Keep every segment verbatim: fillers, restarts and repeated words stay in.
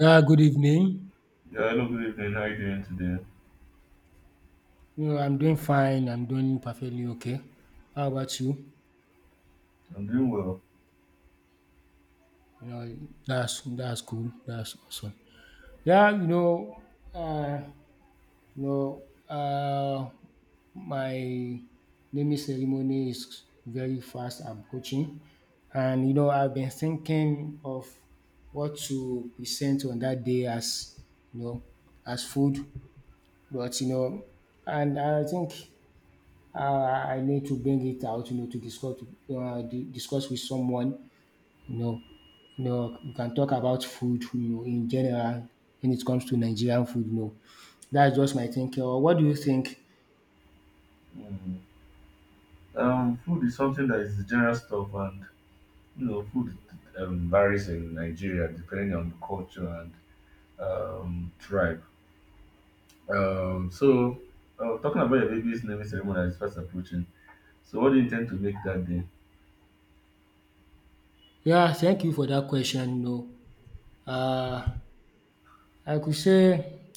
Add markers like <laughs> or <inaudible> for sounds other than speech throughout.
Ah, good evening. Yeah, hello, good evening. How are you doing today? You know, I'm doing fine. I'm doing perfectly okay. How about you? I'm doing well. You know, that's that's cool. That's awesome. Yeah, you know, uh, you know, uh, my naming ceremony is very fast approaching, and you know, I've been thinking of what to present on that day as you know as food, but you know, and I think uh, I need to bring it out, you know, to discuss uh, di- discuss with someone. you know, you know, we can talk about food, you know, in general, when it comes to Nigerian food, you know. That's just my thinking. Or what do you think? Mm. Um, food is something that is general stuff, and you know, food um, varies in Nigeria depending on the culture and um, tribe. Um, so, uh, talking about your baby's naming ceremony that is fast approaching. So, what do you intend to make that day? Yeah, thank you for that question. You know, uh, I could say,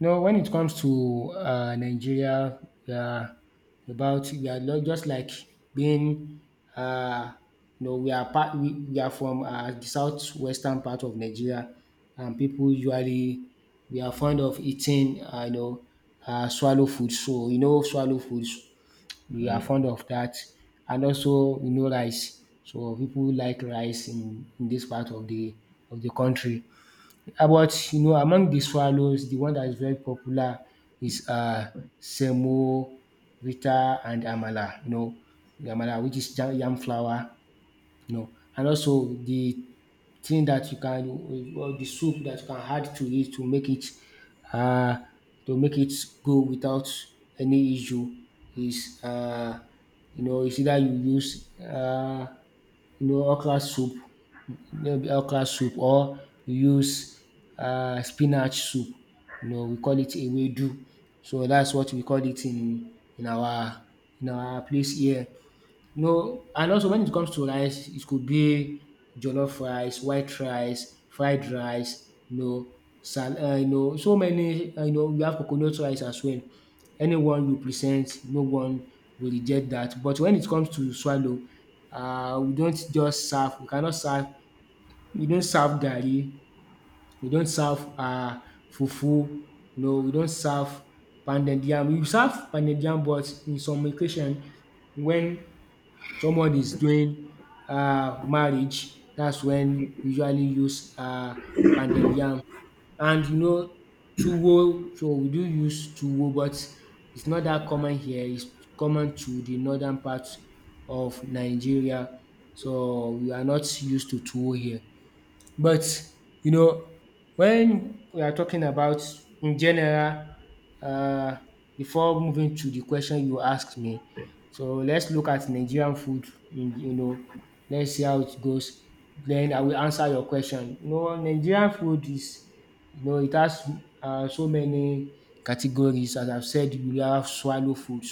no, when it comes to uh, Nigeria, we are about we are lo- just like being, uh, you know, we are part we, we are from uh, the southwestern part of Nigeria, and people usually, we are fond of eating, uh, you know, uh, swallow food. So you know, swallow foods, we are fond Mm. of that, and also you know rice. So people like rice in, in this part of the of the country. About you know Among the swallows, the one that is very popular is uh semo, rita and amala, you know amala, which is jam, yam flour, no. And also the thing that you can, or the soup that you can add to it to make it uh to make it go without any issue is uh you know is either you use uh you know okra soup, maybe okra soup, or you use uh spinach soup, you know we call it ewedu. So that's what we call it in in our in our place here, no. And also when it comes to rice, it could be jollof rice, white rice, fried rice, you know, sal- uh, you know, so many, uh, you know, we have coconut rice as well. Anyone you present, no one will reject that. But when it comes to swallow, uh, we don't just serve, we cannot serve, we don't serve garri, we don't serve uh, fufu, you know, we don't serve pounded yam. We serve pounded yam, but in some occasion, when someone is doing um marriage, that's when we usually use um pounded yam. And you know tuwo, so we do use tuwo, but it's not that common here, it's common to the northern part of Nigeria. So we are not used to tuwo here. But, you know, when we are talking about in general, uh, before moving to the question you asked me, so let's look at Nigerian food. in- You know, let's see how it goes. Then I will answer your question. You know, Nigerian food is You know, it has um so many categories. As I've said, we have swallow foods,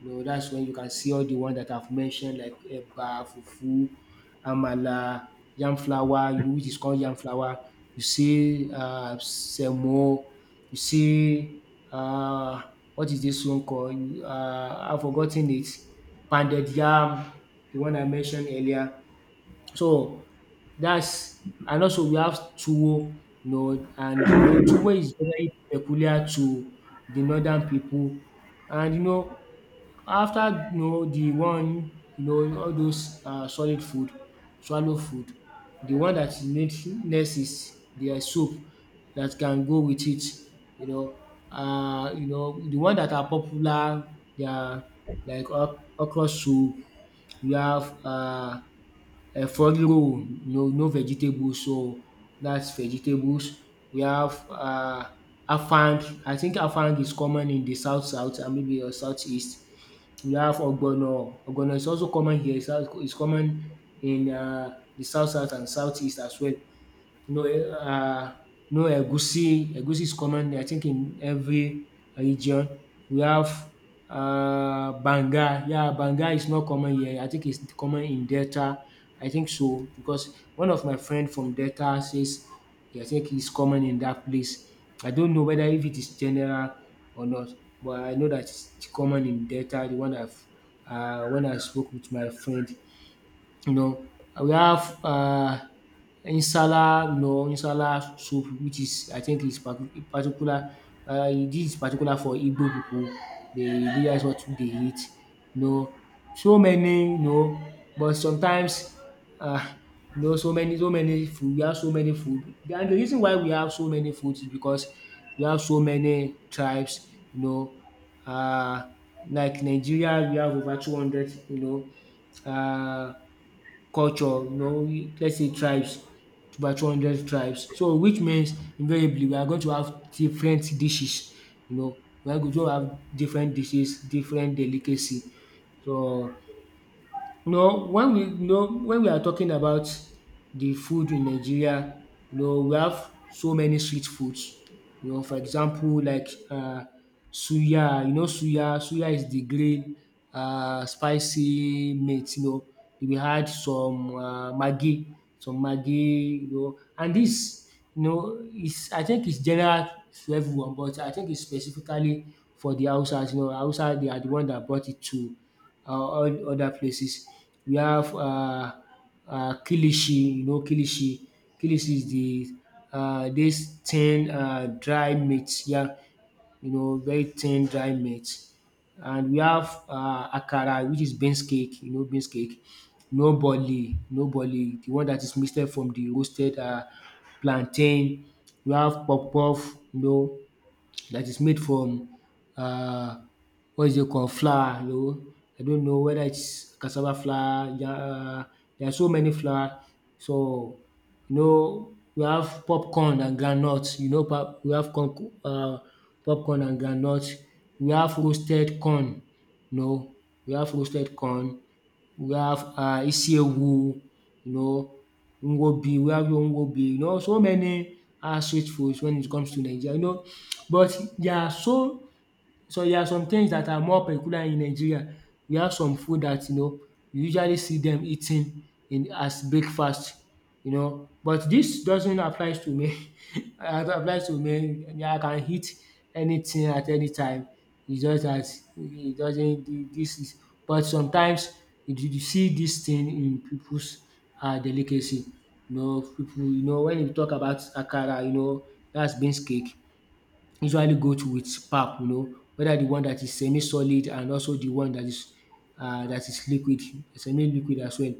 you know that's when you can see all the one that I've mentioned, like eba, fufu, amala, yam flour, you know which is called yam flour. You see um semo, you see um what is this one called um I've forgotten it, pounded yam, the one I mentioned earlier. So, that's, and also we have tuwo, you know, and you know tuwo is very peculiar to the northern people. And you know, after you know the one, you know, all those um solid food, swallow food, the one that you need next is the soup that can go with it, you know. uh, you know, the one that are popular, they are like ok okra soup, we have uh um front row no no vegetables, so that's vegetables. We have um afang, I think afang is common in the south south, and maybe or southeast. We have ogbono, ogbono is also common here. It's al- it's common in um the south south and southeast as well. No, um no, egusi. Egusi is common, I think, in every region. We have um banga. Yeah, banga is not common here. I think it's common in Delta. I think so, because one of my friend from Delta says, yeah, I think it's common in that place. I don't know whether if it is general or not, but I know that it's common in Delta, the one I've um when I spoke with my friend, you know, we have uh insala, you know insala soup, which is, I think, is par- particular. Uh, this is particular for Igbo people, dey dats what they eat, you know. So many, you know but sometimes uh, you know so many, so many food we have so many food, and the reason why we have so many food is because we have so many tribes, you know uh, like Nigeria, we have over two hundred, you know uh. culture, you know let's say tribes, over two hundred tribes. So which means invariably we are going to have different dishes, you know we are going to have different dishes, different delicacy. So, no, when we no when we are talking about the food in Nigeria, you know, we have so many street foods. You know, for example, like uh, suya. You know, suya. Suya is the green uh, spicy meat. You know, we had some uh, maggi, some maggi. You know, and this, you know is, I think it's general to everyone, but I think it's specifically for the Hausas. You know, Hausa, they are the one that brought it to, or all other places. We have uh, uh, kilishi, you know, kilishi. Kilishi is the uh, this thin uh, dry meat, yeah, you know, very thin dry meat. And we have uh, akara, which is beans cake, you know, beans cake. No boli, no boli, the one that is mixed from the roasted uh, plantain. We have puff puff, you know, that is made from uh, what is it called, flour, you know. I don't know whether it's cassava flour, ja uh, there are so many flour. So you know we have popcorn and groundnut, you know pop we have corn um popcorn and groundnut, we have roasted corn, you know we have roasted corn, we have uh isiewu, you know, ngwobi, we have ngwobi, you know so many um street foods when it comes to Nigeria, you know. But they are so so there are some things that are more peculiar in Nigeria. We have some food that, you know you usually see them eating in as breakfast, you know but this doesn't apply to me <laughs> It applies to me. I mean, I can eat anything at any time. It's just that it doesn't This is but sometimes you you see this thing in people's um delicacy. You know people. You know when you talk about akara, you know that's beans cake, usually go to with pap, you know, whether the one that is semi-solid, and also the one that is uh, that is liquid, semi-liquid as well.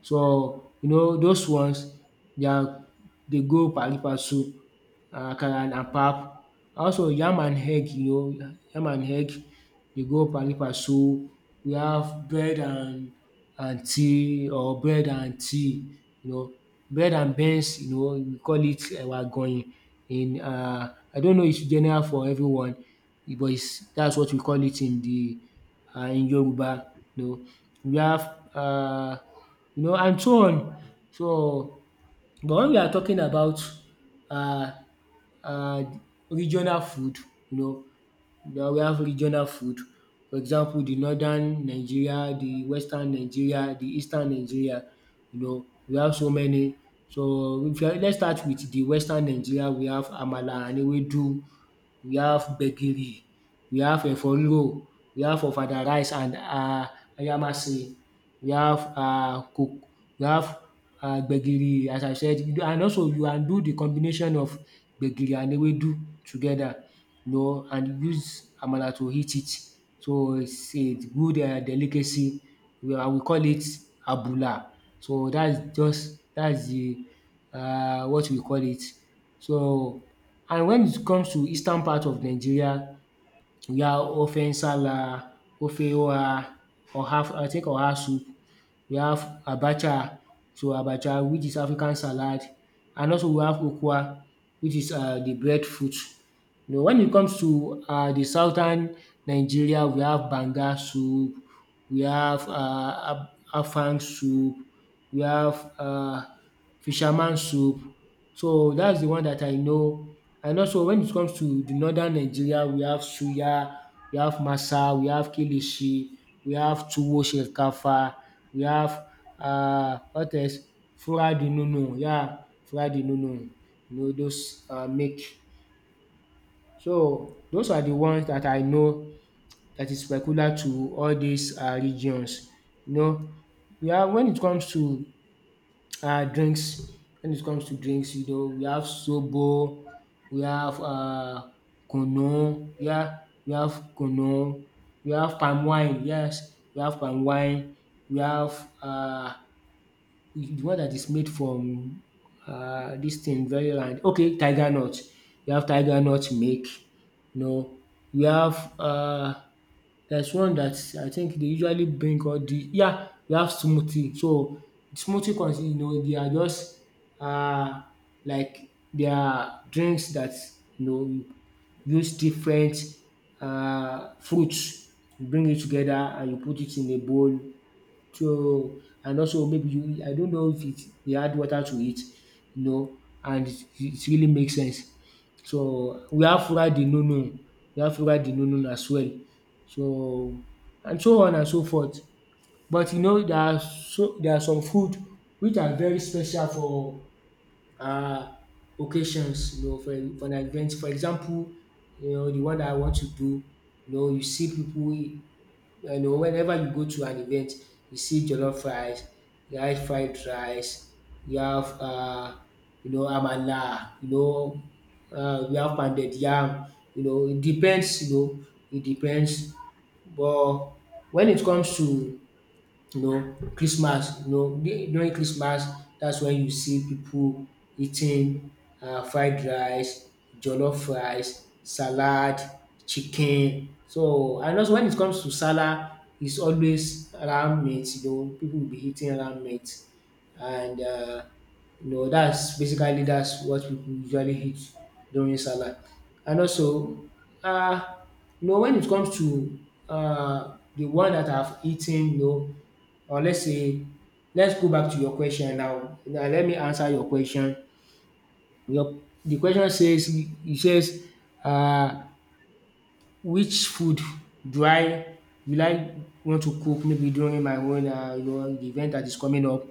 So you know those ones, they are, they go pari passu, um akara and pap. Also yam and egg, you know, yam and egg dey go pallipa. So we have bread and and tea, or bread and tea, you know, bread and beans, you know we call it ewa agoyin in, Uh, I don't know it's general for everyone, but it's, that's what we call it in the uh, in Yoruba, you know. We have uh, you know and so on. So but when we are talking about uh uh, regional food, you know, yeah, we have regional food. For example, the northern Nigeria, the western Nigeria, the eastern Nigeria, you know, we have so many. So if you, let's start with the western Nigeria, we have amala and ewedu, we have gbegiri, we have efo riro, we have ofada rice and um ayamase, we have um cook. We have um gbegiri, as I said you do- and also you can do the combination of gbegiri and ewedu together, you know and use amala to eat it. So it's a good um delicacy, and we call it abula. So that's just, that's the um what we call it. So, and when it comes to eastern part of Nigeria, we have ofe nsala, ofe oha, oha, I think oha soup, we have abacha, so abacha, which is African salad, and also we have ukwa, which is um the breadfruit. You know, when it comes to um the southern Nigeria, we have banga soup, we have um afang soup, we have um fisherman soup. So that's the one that I know. And also when it comes to the northern Nigeria, we have suya, we have masa, we have kilishi, we have tuwo shinkafa, we have um what else? Fura di nono, yeah, fura di nono. You know those um make so those are the ones that I know that is peculiar to all these um regions. You know, we have when it comes to um drinks, when it comes to drinks, you know, we have sobo, we have uh kunu, yeah, we have kunu, we have palm wine, yes, we have palm wine, we have uh. The one that is made from um dis thing very round. Okay, tiger nut. You have tiger nut milk, no. Know, you have um there's one that I think they usually bring all the yeah, you have smoothie. So smoothie consists. You know they are just uh like they are drinks that you know you use different uh fruits, you bring it together and you put it in a bowl so and also maybe you I don't know if it they add water to it, you know, and it it really makes sense. So we have fura de nono, we have fura de nono as well. So and so on and so forth. But you know there are so there are some food which are very special for um occasions, you know, for for an event. For example, you know, the one that I want to do, you know, you see people you know whenever you go to an event you see jollof rice, you have fried rice, you have um you know amala, you know um you have pounded yam, you know it depends you know it depends. But when it comes to you know Christmas you know du- during Christmas. That's when you see people eating um fried rice, jollof rice, salad, chicken. So and also when it comes to salad it's always ram meat you know people will be eating ram meat and um you know that's basically that's what pipu usually eat during salad. And also um you know when it comes to um the one that I've eaten you know or let's say let's go back to your question now. Now let me answer your question. Your the question says it says um which food do I will I want to cook maybe during my own um you know the event that is coming up.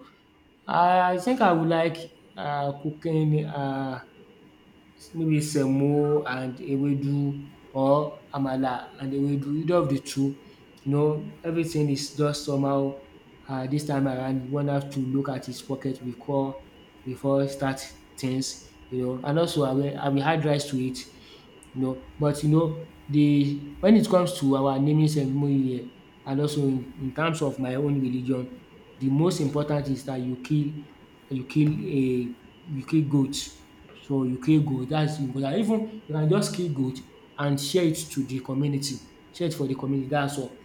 I think I would like um cooking um maybe semo and ewedu or amala and ewedu, either of the two, you know, everything is just somehow um dis time around one have to look at his pocket before before start things, you know. And also I will I will add rice to it you know. But you know the when it comes to our naming ceremony here and also in in terms of my own religion, the most important is that you kill you kill a you kill goat. So you kill goat. That's important. Even you can just kill goat and share it to the community, share it for the community dats all.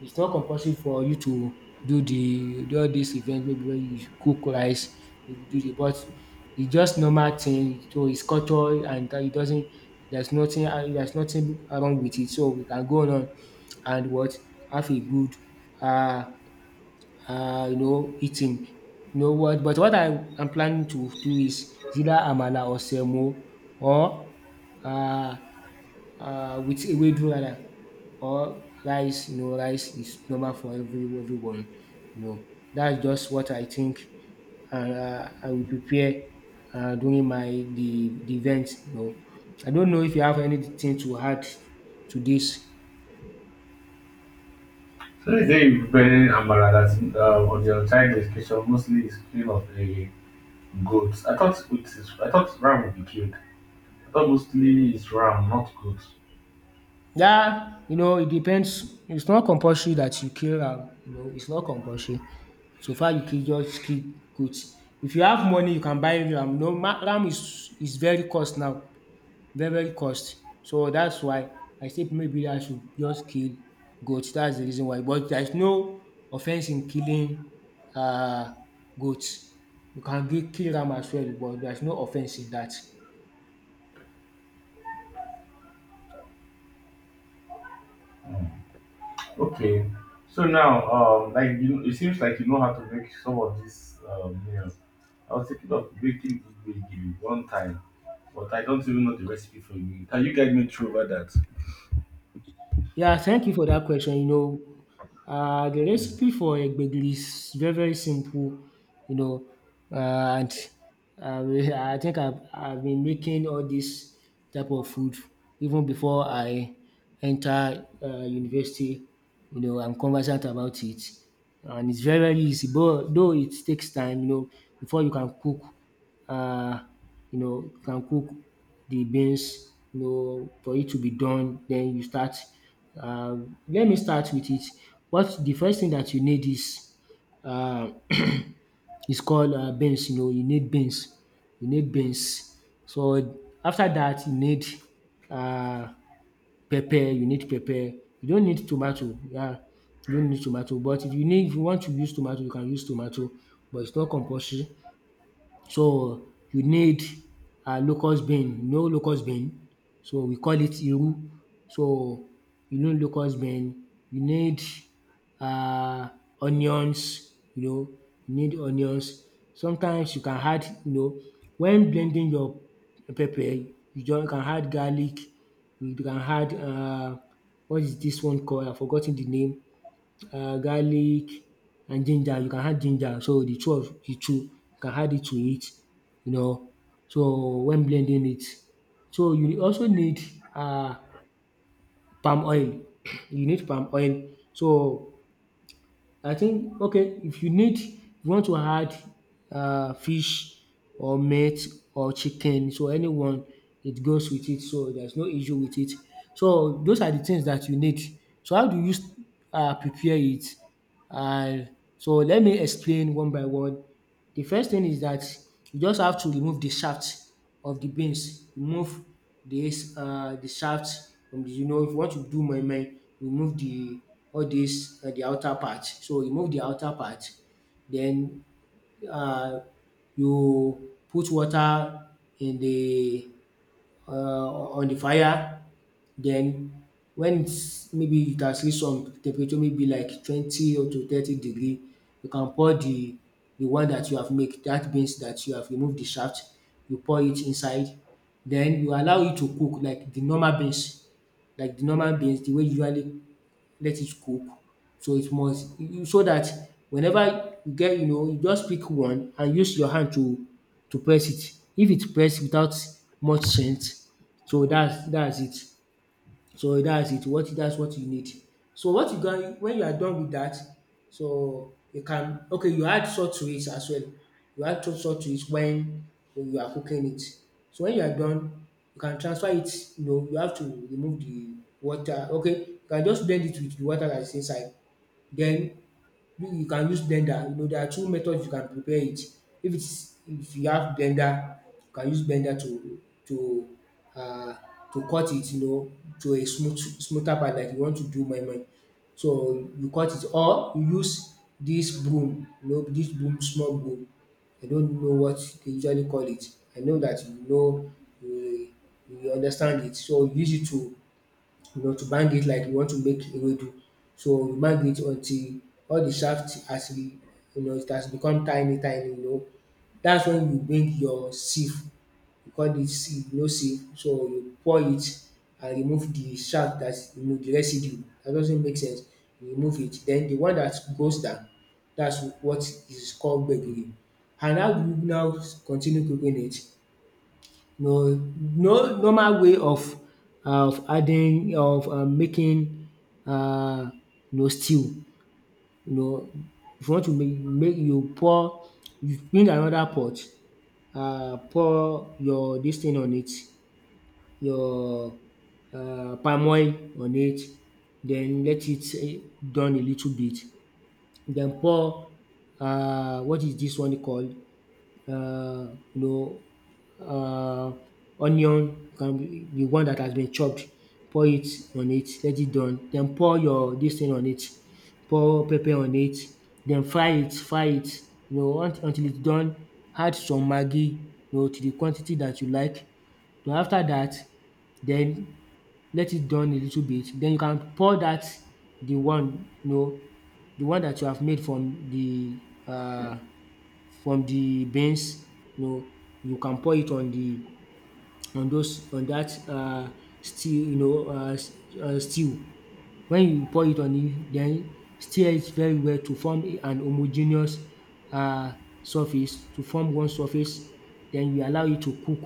It's not compulsory for you to do the de all this event maybe wey you cook rice you do the but it's just normal thing to his culture and it doesn't there's nothing there's nothing wrong with it. So we can go on and what have a good um um you know eating. You know what but what I am planning to do is either amala or semo or um um with ewedu rather or rice you know rice is normal for every everyone you know. That's just what I think and uh, I will prepare uh, during my the, the event. No, I don't know if you have anything to add to this. So, today, day you preparing amara. That's uh, on your child education mostly is cream of a goat. I thought it is, I thought ram would be killed. I thought mostly it's ram, not goat. Yeah, you know, it depends. It's not compulsory that you kill am. You know, it's not compulsory. So far, you can just kill goat. If you have money, you can buy ram. No, ma- ram is is very cost now. Very very cost. So that's why I say maybe I should just kill goat. That's the reason why. But there is no offense in killing um goat. You can gi- kill ram as well but there's no offense in that. Okay. So now, um, like you, it seems like you know how to make some of this um, meal. I was thinking of making gbegiri one time, but I don't even know the recipe for you. Can you guide me through over that? Yeah, thank you for that question. You know, uh, the recipe for egbegli is very, very simple, you know, uh, and uh, we- I think I've, I've been making all this type of food even before I enter uh, university. You know, I'm conversant about it, and it's very, very easy, but though it takes time, you know, before you can cook uh, you know, can cook the beans, you know, for it to be done. Then you start. Uh, let me start with it. What the first thing that you need is uh, <clears throat> is called uh, beans. You know, you need beans. You need beans. So after that, you need uh, pepper. You need pepper. You don't need tomato. Yeah, you don't need tomato. But if you need, if you want to use tomato, you can use tomato. But it's not compulsory. So you need um locust bean, you know locust bean? So we call it iru. So you need locust bean, you need um onions, you know, you need onions. Sometimes you can add you know when blending your pepper you just can add garlic, you can add um what is this one called I forgot ten the name um garlic and ginger. You can add ginger. So the two of the two you can add it to it, you know. So when blending it, so you also need uh palm oil. <clears throat> You need palm oil. So I think okay if you need if you want to add uh, fish or meat or chicken so anyone it goes with it so there's no issue with it. So those are the things that you need. So how do you uh, prepare it? And so let me explain one by one. The first thing is that you just have to remove the shaft of the beans. Remove this uh, the shaft from the you know if you want to do moimoi remove the all this um the outer part. So remove the outer part then uh, you put water in the uh, on the fire. Then when it's maybe it has reached some temperature maybe like twenty or to thirty degree, you can pour the the one that you have make that means that you have removed the shaft, you pour it inside. Then you allow it to cook like the normal beans, like the normal beans the way you usually let it cook. So it must You so that whenever you get you know you just pick one and use your hand to to press it. If it press without much strength so dats that is it. So that's it, what that's what you need. So what you going when you are done with that, so you can okay you add salt to it as well. You add to- salt to it when when you are cooking it. So when you are done, you can transfer it, you know, you have to remove the water. Okay, you can just blend it with the water that is inside. Then you you can use blender. You know there are two methods you can prepare it. If it's if you have blender, you can use blender to to uh to cut it you know to a smooth smoother part like you want to do my moi. So you cut it or you use this broom you know dis broom small broom. I don't know what they usually call it. I know that you know you you understand it so you use it to you know, to bang it like you want to make ewedu. So you bang it until all the shaft has been you know, it has become tiny tiny, you know. That's when you bring your sieve, we call it sieve, you know sieve. So you pour it and remove the shaft that you know the residue that doesn't make sense, you remove it. Then the one that goes down, that's what is called gbegiri. And how do you now continue cooking it? No no normal way of uh, of adding of um making uh you know stew. You know if you want to make make you pour you bring another pot uh pour your this thing on it, your uh palm oil on it then let it eh, done a little bit then pour uh what is this one called uh, you know, uh, onion can be the one that has been chopped. Pour it on it, let it done. Then pour your this thing on it. Pour pepper on it. Then fry it, fry it. You know, unt- until it's done. Add some maggi, you know, to the quantity that you like. Then after that, then let it done a little bit. Then you can pour that the one, you know, the one that you have made from the uh from the beans, you know, you can pour it on the on those on that uh stew, you know, uh s- uh, stew. When you pour it on it then stir it very well to form a- an homogeneous uh surface, to form one surface. Then you allow it to cook.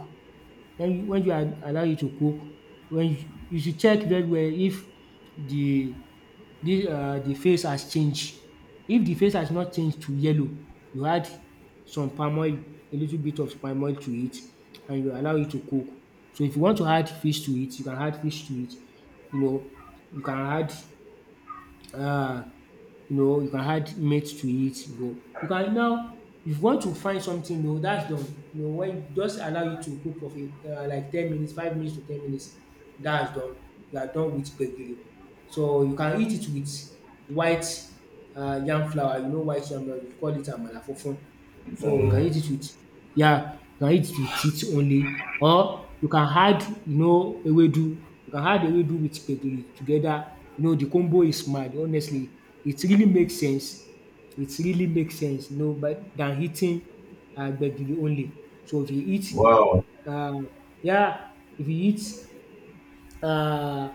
When you when you are allow you to cook, when you you should check very well if the this uh the face has changed. If the face has not changed to yellow, you add some palm oil, a little bit of palm oil to it and you allow it to cook. So if you want to add fish to it, you can add fish to it, you know, you can add uh, you know, you can add meat to it. You know, you can now if you want to find something, you know, that's done. You know, when Just allow you to cook for a, uh, like ten minutes, five minutes to ten minutes, that's done. You are done with gbegiri. So you can eat it with white uh, yam flour. You know, white yam flour. We call it amala fufun. So you can Mm, eat it with yeah, you can eat it with it only, or you can add you know ewedu. You can add ewedu with gbegiri together. You know the combo is mad, honestly. It really makes sense. It really makes sense, you know, but than eating uh, gbegiri only. So if you eat wow. um yeah, if you eat uh,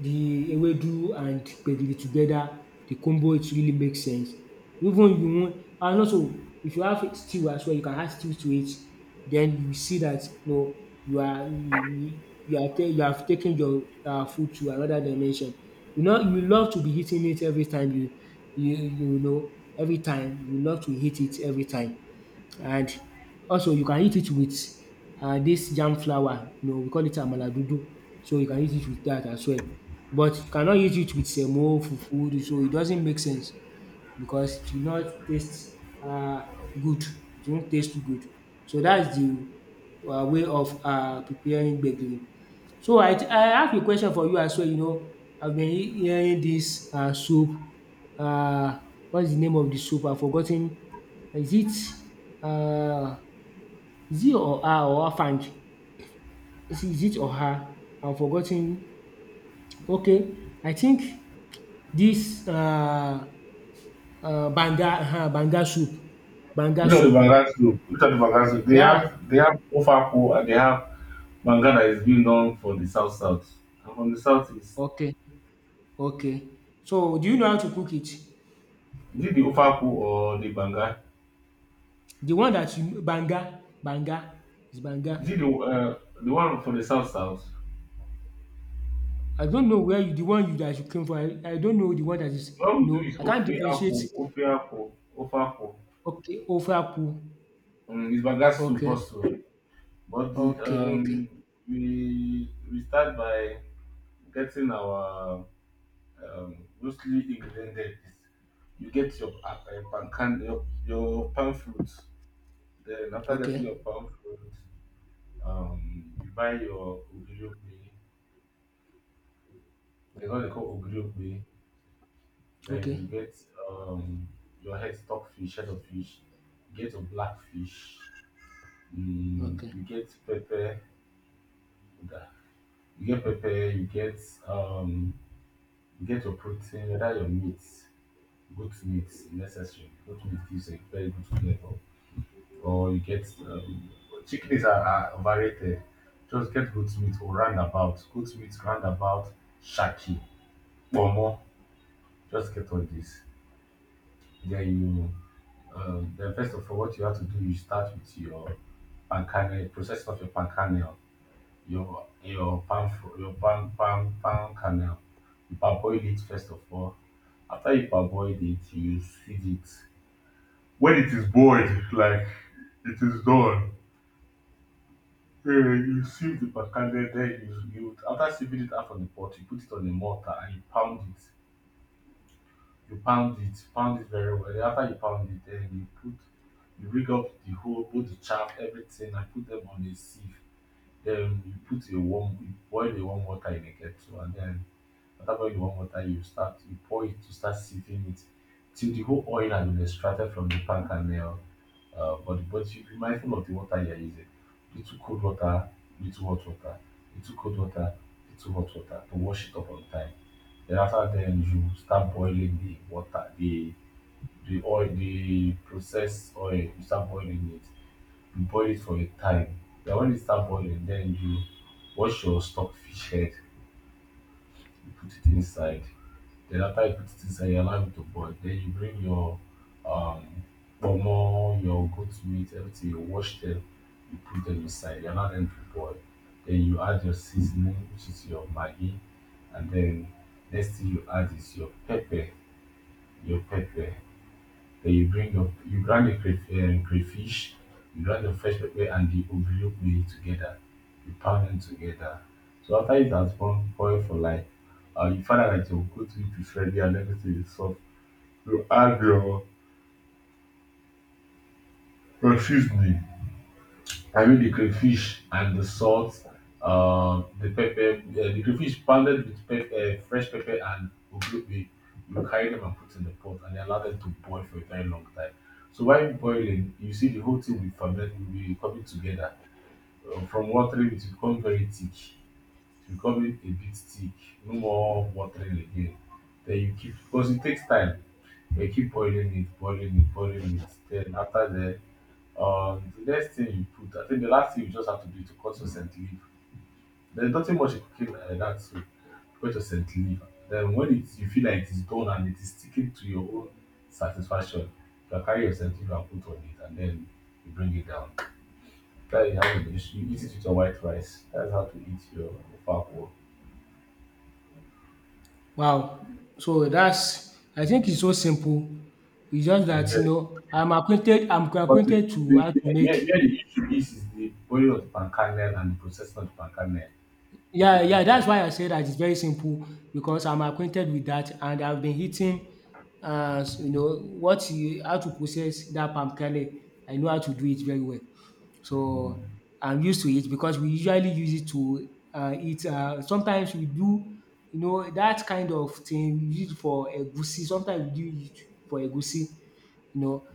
the ewedu and gbegiri together, the combo, it really makes sense. Even, you wan and also, if you have stew as well, you can add stew to it. Then you see that you know you are you you are ta- you have taken your um food to another dimension. You know you love to be eating it every time you you you know every time You love to eat it every time. And also you can eat it with um dis yam flour you know we call it amala dodo, so you can eat it with that as well. But you cannot eat it with semo, fufu, so it doesn't make sense because it will not taste um good, it won't taste good. So that's the um way of um preparing gbegiri. So I I have a question for you as well you know, I've been he- hearing this um soup. um what's the name of the soup? I've forgotten. is it um is it or her or afang? Is is it or her? I've forgotten. Okay, I think this um Uh, banga, uh-huh, banga soup, banga Look at the soup. Banga soup. Look at the Banga soup. They Yeah. have they have Ofaku and they have Banga that is being known for the South South. And from the South is Okay. Okay. So do you know how to cook it? is it the Ofaku or the Banga? The one that you banga, banga is Is it banga. the uh, the one for the South South? I don't know where you the one you that you came from. I, I don't know the one that is. What we do No, is I can't Ofe Akwu, differentiate. Ofe Akwu, Ofe Akwu. Okay, ofaku. Um, it's Bangasu Okay. Bosu. But Okay. Okay. um, we we start by getting our um, mostly ingredient there is you get your uh, uh, palm can your, your palm fruit. Then after getting your Okay. palm fruit, um, you buy your ogiriope. They what they call ogiriope. Then you Okay. get um, your head stock fish, head of fish. You get your black fish. Mm, Okay. you get pepper. You get pepper, you get um you get your protein, whether your meat, goat meat necessary. Goat meat gives a very good flavor. Or you get um chickens are, are overrated. Just get goat meat or roundabout. Goat meat roundabout shaki. Pomo. Just get all this. Then you um then first of all what you have to do you start with your pan kernel, processing of your pan kernel your your palm fr- your palm palm palm kernel. You parboil it first of all. After you parboil it, you sieve it. When it is boiled, like it is done, eh, you sieve the palm kernel. Then you, you after sieving it out from the pot, you put it on the mortar and you pound it. You pound it, pound it very well. Then after you pound it, then you put you rig up the whole put the chaff everything and put them on a sieve. Then you put a warm you boil the warm water in a kettle and then after boiling the warm water, you start you pour it, you start sieving it till the whole oil has been extracted from the pan kernel uh, uh, body. But you be mindful of the water you are using. Little cold water, little hot water, little cold water, little hot water to wash it up on time. Then after then you start boiling the water, the the oil, the processed oil. You start boiling it. You boil it for a time. Then when it start boiling, then you wash your stock fish head. You put it inside. Then after you put it inside, you allow it to boil. Then you bring your um pomo, your goat meat, everything, you wash them, you put them inside, you allow them to boil. Then you add your seasoning, which is your Maggi, and then next thing you add is your pepper, your pepper. Then you bring your you grind the cray um, crayfish, you grind your fresh pepper and the ogiri together. You pound them together. So after it has gone boil for like um you find out that your go to preferred and everything is soft, you add your your seasoning, I mean the crayfish and the salt, uh, the pepper, uh, the crayfish pounded with pep- uh, fresh pepper and oglobe. You carry them and put in the pot and allow them to boil for a very long time. So while boiling, you see the whole thing will ferment, will be coming together. Uh, from watery, it will become very thick, it's becoming a bit thick, no more watering again. Then you keep because it takes time. You keep boiling it, boiling it, boiling it. Then after that, um, the next thing you put, I think the last thing you just have to do is to cut your scent leaf. There's nothing much in cooking like that, so cut your scent leaf. Then when it, you feel like it's done and it is sticking to your own satisfaction, you can carry your scent leaf and put on it, and then you bring it down. That is how you, you eat it with your white rice. That's how to eat your ofako. Wow. So that's I think it's so simple. It's just that, you Yes. know, I'm acquainted. I'm But the, acquainted to the, how the, to yeah, make. yeah, the issue is, is the oil of the palm kernel and the processing of the palm kernel. It Yeah, could be yeah, that's like why I say that it's very simple because I'm acquainted with that and I've been eating, uh, s- you know, what you, how to process that palm kernel. I know how to do it very well. So mm, I'm used to it because we usually use it to uh, eat. Uh, sometimes we do, you know, that kind of thing we use it for egusi. Sometimes we do it for egusi you know.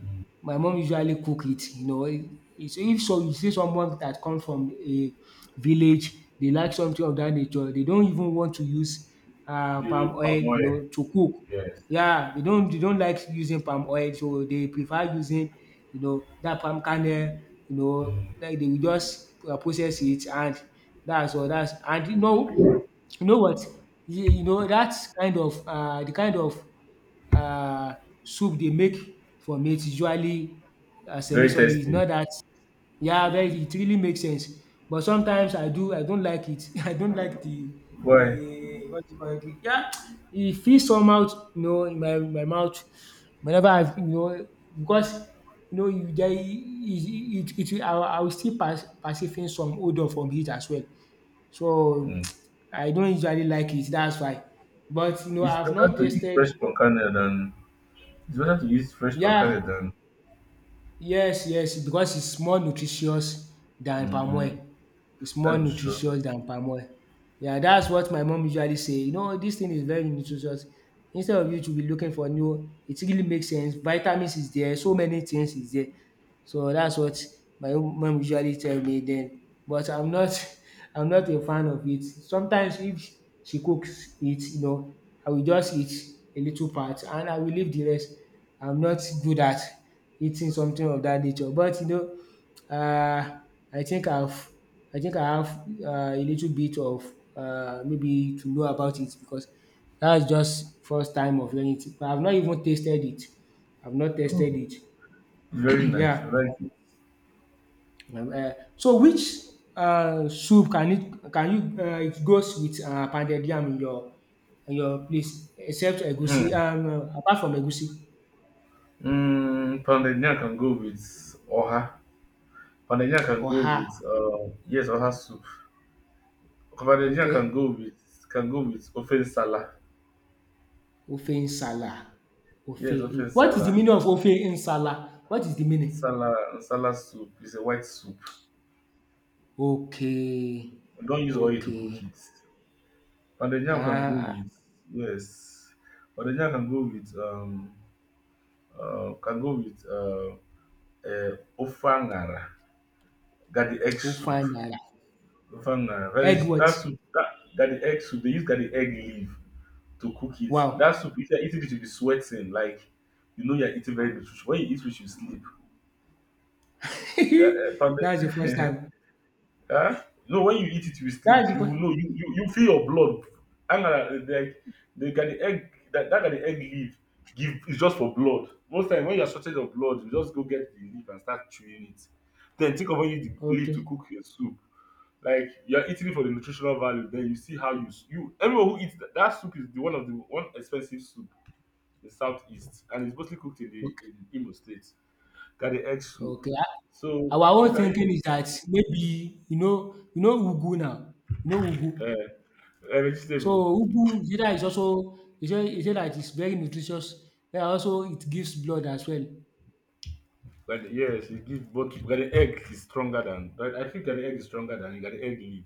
My mom usually cook it, you know. If if so you see someone that come from a village, they like something of that nature, they don't even want to use uh the palm oil, palm you oil. know, to cook. Yes. Yeah, they don't they don't like using palm oil, so they prefer using, you know, that palm kernel, you know, like they will just uh, process it, and that's all. That's and you know you know what you, you know that kind of, uh the kind of, um soup they make for meat, usually um Very semi-solid. It's tasty. not that. Yeah, very, it really makes sense. But sometimes I do I don't like it. <laughs> I don't like the. Why? The what do you call it? The, yeah, e feel somehow, you know, in my my mouth whenever I, you know, because you know you there it. it it I will, I will still, per perceiving some odour from it as well. So <tsk> I don't usually like it, that's why. But you know It's I've better not to eat tasted. than than- it's better to fresh palm Yeah, kernel than yes, yes, because it's more nutritious than palm oil. It's more that with short oil. nutritious than palm oil. Yeah, that's what my mom usually say. You know, this thing is very nutritious. Instead of you to be looking for new, it really makes sense. Vitamins is there, so many things is there. So that's what my mom usually tell me then, but I'm not. <laughs> I'm not a fan of it. Sometimes if she cooks it, you know, I will just eat a little part and I will leave the rest. I'm not good at eating something of that nature. But you know, uh, I think I've I think I have, uh, a little bit of, uh, maybe to know about it because that's just first time of learning it. But I've not even tasted it. I've not tested Oh, it. it's very <clears throat> nice. You Yeah. like it. Um, eh, so which uh, soup can it can you, uh, it goes with, uh, pounded yam in your in your place except egusi, Hmm. um, uh, apart from egusi? Mm, pounded yam can go with oha. Pounded yam can go Oha, with uh yes oha soup. Pounded yam can okay. go with can go with ofe nsala. Ofe Nsala. Ofe. Yes, ofe in- What is the nsala. meaning of Ofe Nsala? What is the meaning? Salad, salad soup is a white soup. Okay, We don't use oil to cook okay. it. Pounded yam can go Ah, with yes. Pounded yam can go with um uh, can go with uh, uh ofangara. Gadi egg Ofe soup. Nsala. Ofangara. Very Egg what? that soup that gadi egg soup. They use gadi egg leaf to cook it. That Wow. soup if you're eating it you'll be sweating like you know you're eating very little. When you eat which you sleep. Ga- Uh, <laughs> pound- That's the first time. huh? No, when you eat it, you That's sleep. the You first. know, you, you, you feel your blood I'm gonna like they got the egg that, that got the egg leaf give is just for blood. Most time when you're shortage of blood, you just go get the leaf and start chewing it. Then think of when you use the leaf to Okay, cook your soup. Like you're eating it for the nutritional value, then you see how you s- you everyone who eats that, that soup is the one of the one expensive soup in southeast and it's mostly cooked in the okay. in Imo State. Got the egg soup. Okay, ah, So our you own can thinking eat is that maybe, you know, you know ugu now, you know ugu. uh, a So vegetable. ugu is either is also is just it just that it's very nutritious, and also it gives blood as well. But yes, it gives but but the egg is stronger than but I think that the egg is stronger than you got the egg leaf.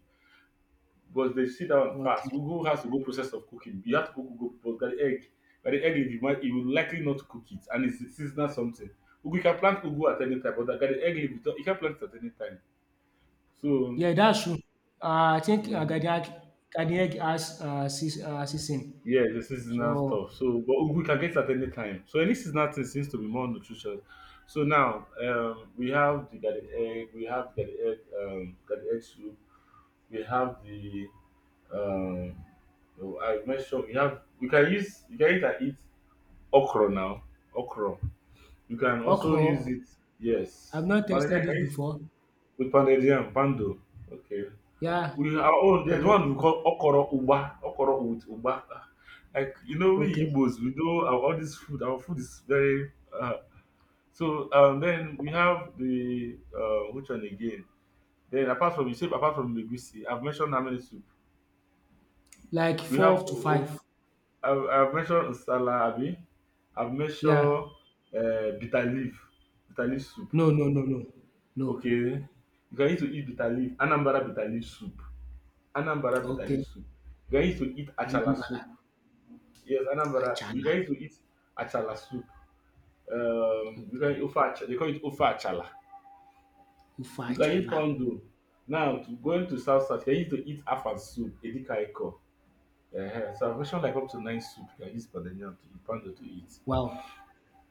Because they sit down and Okay. fast. Ugu has the whole process of cooking. You have to cook ugu, but by the egg, by the egg, you might, you will likely not cook it, and it's seasonal something. Ugu, you can plant ugu at any time, but by the egg, leaf, you don't- you can plant it at any time. So, Yeah, that's true. Ah, I think, ah, garden mm, egg garden egg has, uh seas ah season. yeah, the seasonal So stuff. So, but ugu you can get it at any time. So, any seasonal thing seems to be more nutritious. So now, um, we have the garden egg, we have the garden egg, um, garden egg soup, we have the um, oh, I mentioned we have we can use you can either eat okra now. Okra. You can also use okro, it. Yes. I've not Pounded tested yam. Can it you before. with pounded yam? Pando. Okay. Yeah, We our own. I've There's not one we tested it. call okoro uba. Okoro with uba. Ah, like you know, we Okay. Igbos, we do our, all this food. Our food is very. Uh, so um, then we have the uh, which one again? Then apart from you say apart from legusi, I've mentioned how many soup. Like We four have. to O- five. I've, I've mentioned salad. Abi. I've Yeah. mentioned uh, bitter leaf, bitter leaf soup. No, no, no, no. No. Okay. You can used to eat bitter leaf, Anambra bitter leaf soup. Anambra bitter Okay. leaf soup. You can used to eat achala Anambra, soup. Yes, Anambra. You Achala, can used to eat achala soup. Um, you can ofe achala. They call it ofe achala. Ife You can eat Achala. pondo. Now, to going to South South, you can used to eat afan soup, edikaiko. Uh, so, I've mentioned like up to nine soup you can use pandemonium to eat, pondo to eat. Wow!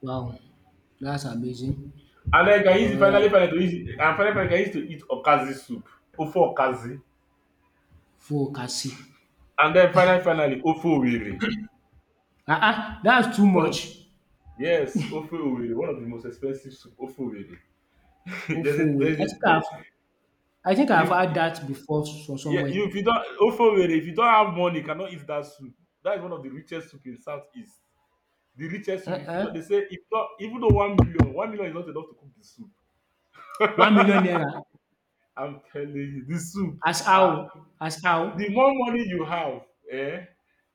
Wow! That's amazing. And then you can use, Oya finally, finally, to eat, and finally, finally, you can use to eat okazi soup, ofo okazi. Fokasi. And then finally, finally, ofo owiri. Ah ah! That's too One of much. yes, ofe Owerri, one of the most expensive soup, ofe Owerri. Oh, <laughs> There's a Ofowe. I there's a think there I've I think I've you heard that before from yeah, somewhere. you if you don't ofe Owerri, if you don't have money, you cannot eat that soup. That is one of the richest soup in Southeast. The richest Uh, soup, if you uh. don't they say if not even though one million, one million is not enough to cook the soup. One million naira, I'm telling you, the soup, as ah, how? As the how? more money you have, eh,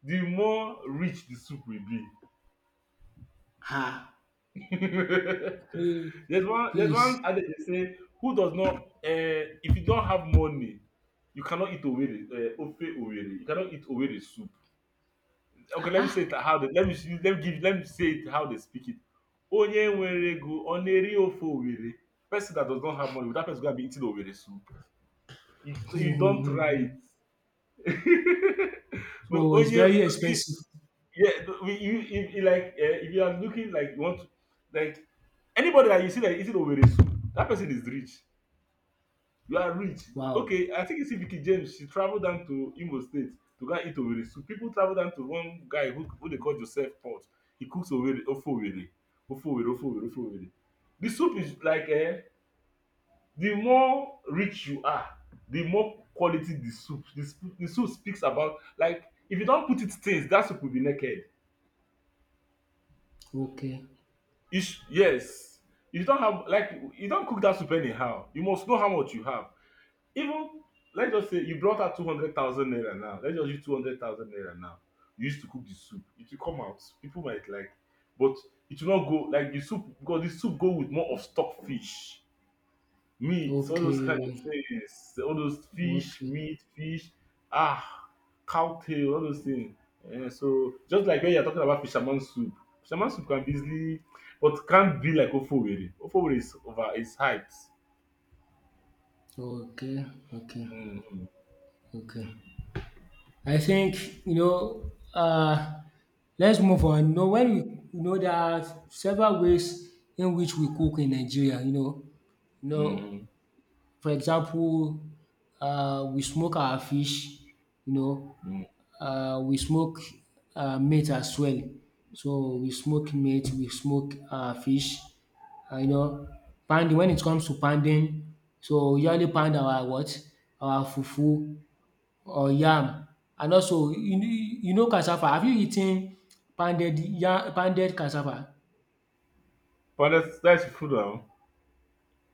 the more rich the soup will be. Ah! <laughs> Hey! there's one there's This, one adage they say who does not uh, if you don't have money you cannot eat owere uh, ofe owere you cannot eat owere soup okay ah, let me say ah! it how they let me see- let me give let me say it how they speak it onye nwere ego ọ na-eri ofe owere person that does not have money that person go and be eating owere soup you, you don't try it <laughs> no So it's onye very no, I- expensive. yeah no, we- you, if, if, like uh, if you are looking like you want to like anybody that you see that is in Oweresu, that person is rich. You are rich. Wow! Okay, I think you see Vicky James. She traveled down to Imo State to go and eat Oweresu. People travel down to one guy who, who they call Joseph Port. He cooks Owere, Ofowere, Ofowere, Ofowere, Ofowere. The soup is like eh, the more rich you are, the more quality the soup. The, sp- the soup speaks about like if you don't put it stains, that soup will be naked. Okay, You yes, you don't have like you don't cook that soup anyhow. You must know how much you have Even let's just say you brought out two hundred thousand naira now. Let's just use two hundred thousand naira now. You used to cook the soup. It will come out. People might like, but it will not go like the soup because the soup go with more of stock fish, meat, all those kind of okay, things. All those fish, okay, meat, fish, ah, cow tail, all those things. Eh, so just like when you're talking about fisherman soup, fisherman soup can be easily, but can't be like Ofowere. Ofowere is over its height. okay, okay, Mm, okay. I think you know. Uh, let's move on. You know, when we, you know, there are several ways in which we cook in Nigeria. You know, you know, mm, for example, uh, we smoke our fish. You know, mm. uh, we smoke, uh, meat as well. So we smoke meat, we smoke, uh, fish. Uh, you know, pounding. When it comes to pounding, so we usually pound our what, our fufu or yam. And also, you know you know cassava, have you eaten pounded yam, pounded cassava? But that's that's food now.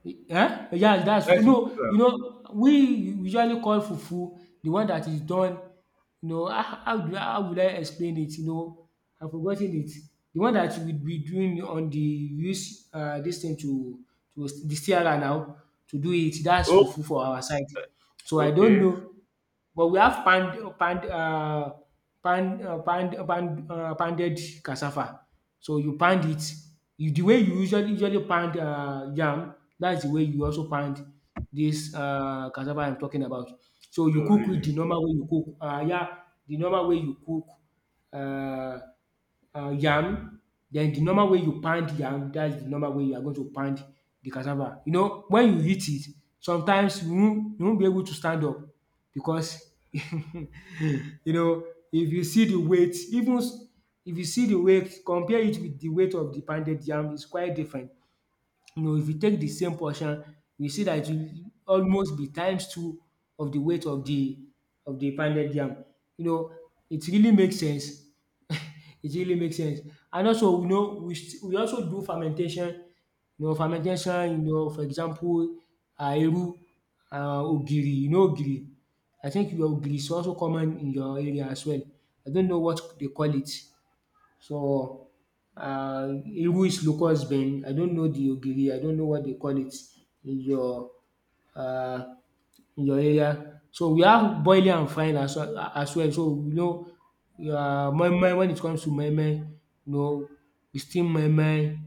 um Yes, that's, you That's food know now. you know, we usually call fufu the one that is done. You know, how how do how will I explain it? You know, I've forgotten it. The one that we be doing on the use, uh this thing to, to the C R now to do it, that's Oh, fufu for our side. So I don't okay. know. But we have pound pound uh, pound um pound pound um pounded cassava. So you pound it, you the way you usually usually pound, uh yam, that's the way you also pound this, uh cassava I'm talking about. So you Oh, cook it the really? normal way you cook, um yeah, the normal way you cook, Uh uh, yam. Then the normal way you pound yam, that's the normal way you are going to pound the cassava. You know, when you eat it, sometimes you won't, you won't be able to stand up because <laughs> you know, if you see the weight, even s- if you see the weight, compare it with the weight of the pounded yam, it's quite different. You know, if you take the same portion, you see that it will almost be times two of the weight of the of the pounded yam. You know, it really makes sense. <laughs> It really makes sense. And also, you know, we st- we also do fermentation. You know, fermentation, you know, for example, um iru, um ogiri. You know ogiri? I think your ogiri is also common in your area as well. I don't know what they call it. So, uh, Iris Lukosben, I don't know the Ogiri, I don't know what they call it in your, uh, in your area. So we have boiling and frying as well. As well. So you know, uh, moi moi, when it comes to moi moi, you know, we steam moi moi. You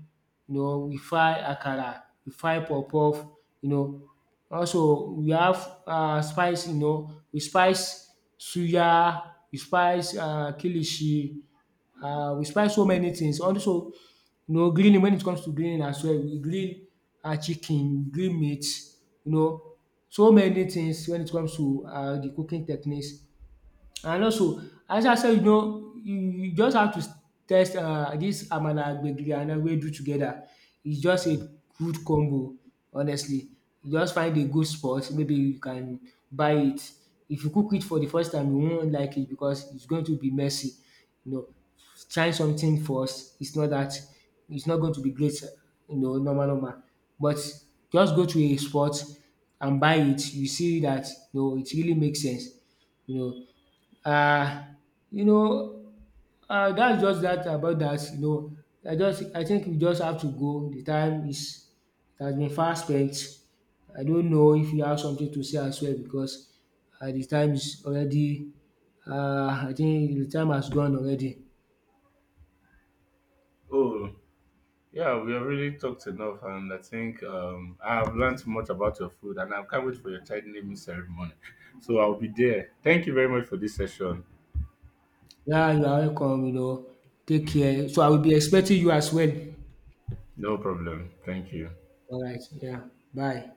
know, we fry akara, we fry puff puff, you know. Also we have, uh, spice, you know, we spice suya, we spice, uh, kilishi. Uh, we spice so many things. Also, you know, grilling, when it comes to grilling as well, we grill um chicken, we grill meat, you know, so many things when it comes to, uh the cooking techniques. And also, as I said, you know, you you just have to test, uh this amala, gbegiri and ewedu together. It's just a good combo, honestly. You just find a good spot, maybe you can buy it. If you cook it for the first time you won't like it because it's going to be messy, you know. Try something first, it's not that it's not going to be great, you know, normal normal. But just go to a spot and buy it, you see that, no, it really makes sense, you know, um you know um that's just that about that. You know, I just I think we just have to go. The time is it has been fast spent. I don't know if you have something to say as well because, um de time is already, um I think the time has gone already. Oh, I really talked enough, and I think um, I have learned much about your food, and I can't wait for your child naming ceremony. <laughs> So I'll be there. Thank you very much for this session. Yeah, you are welcome, you know. Take care. So I will be expecting you as well. No problem. Thank you. Alright, yeah, bye.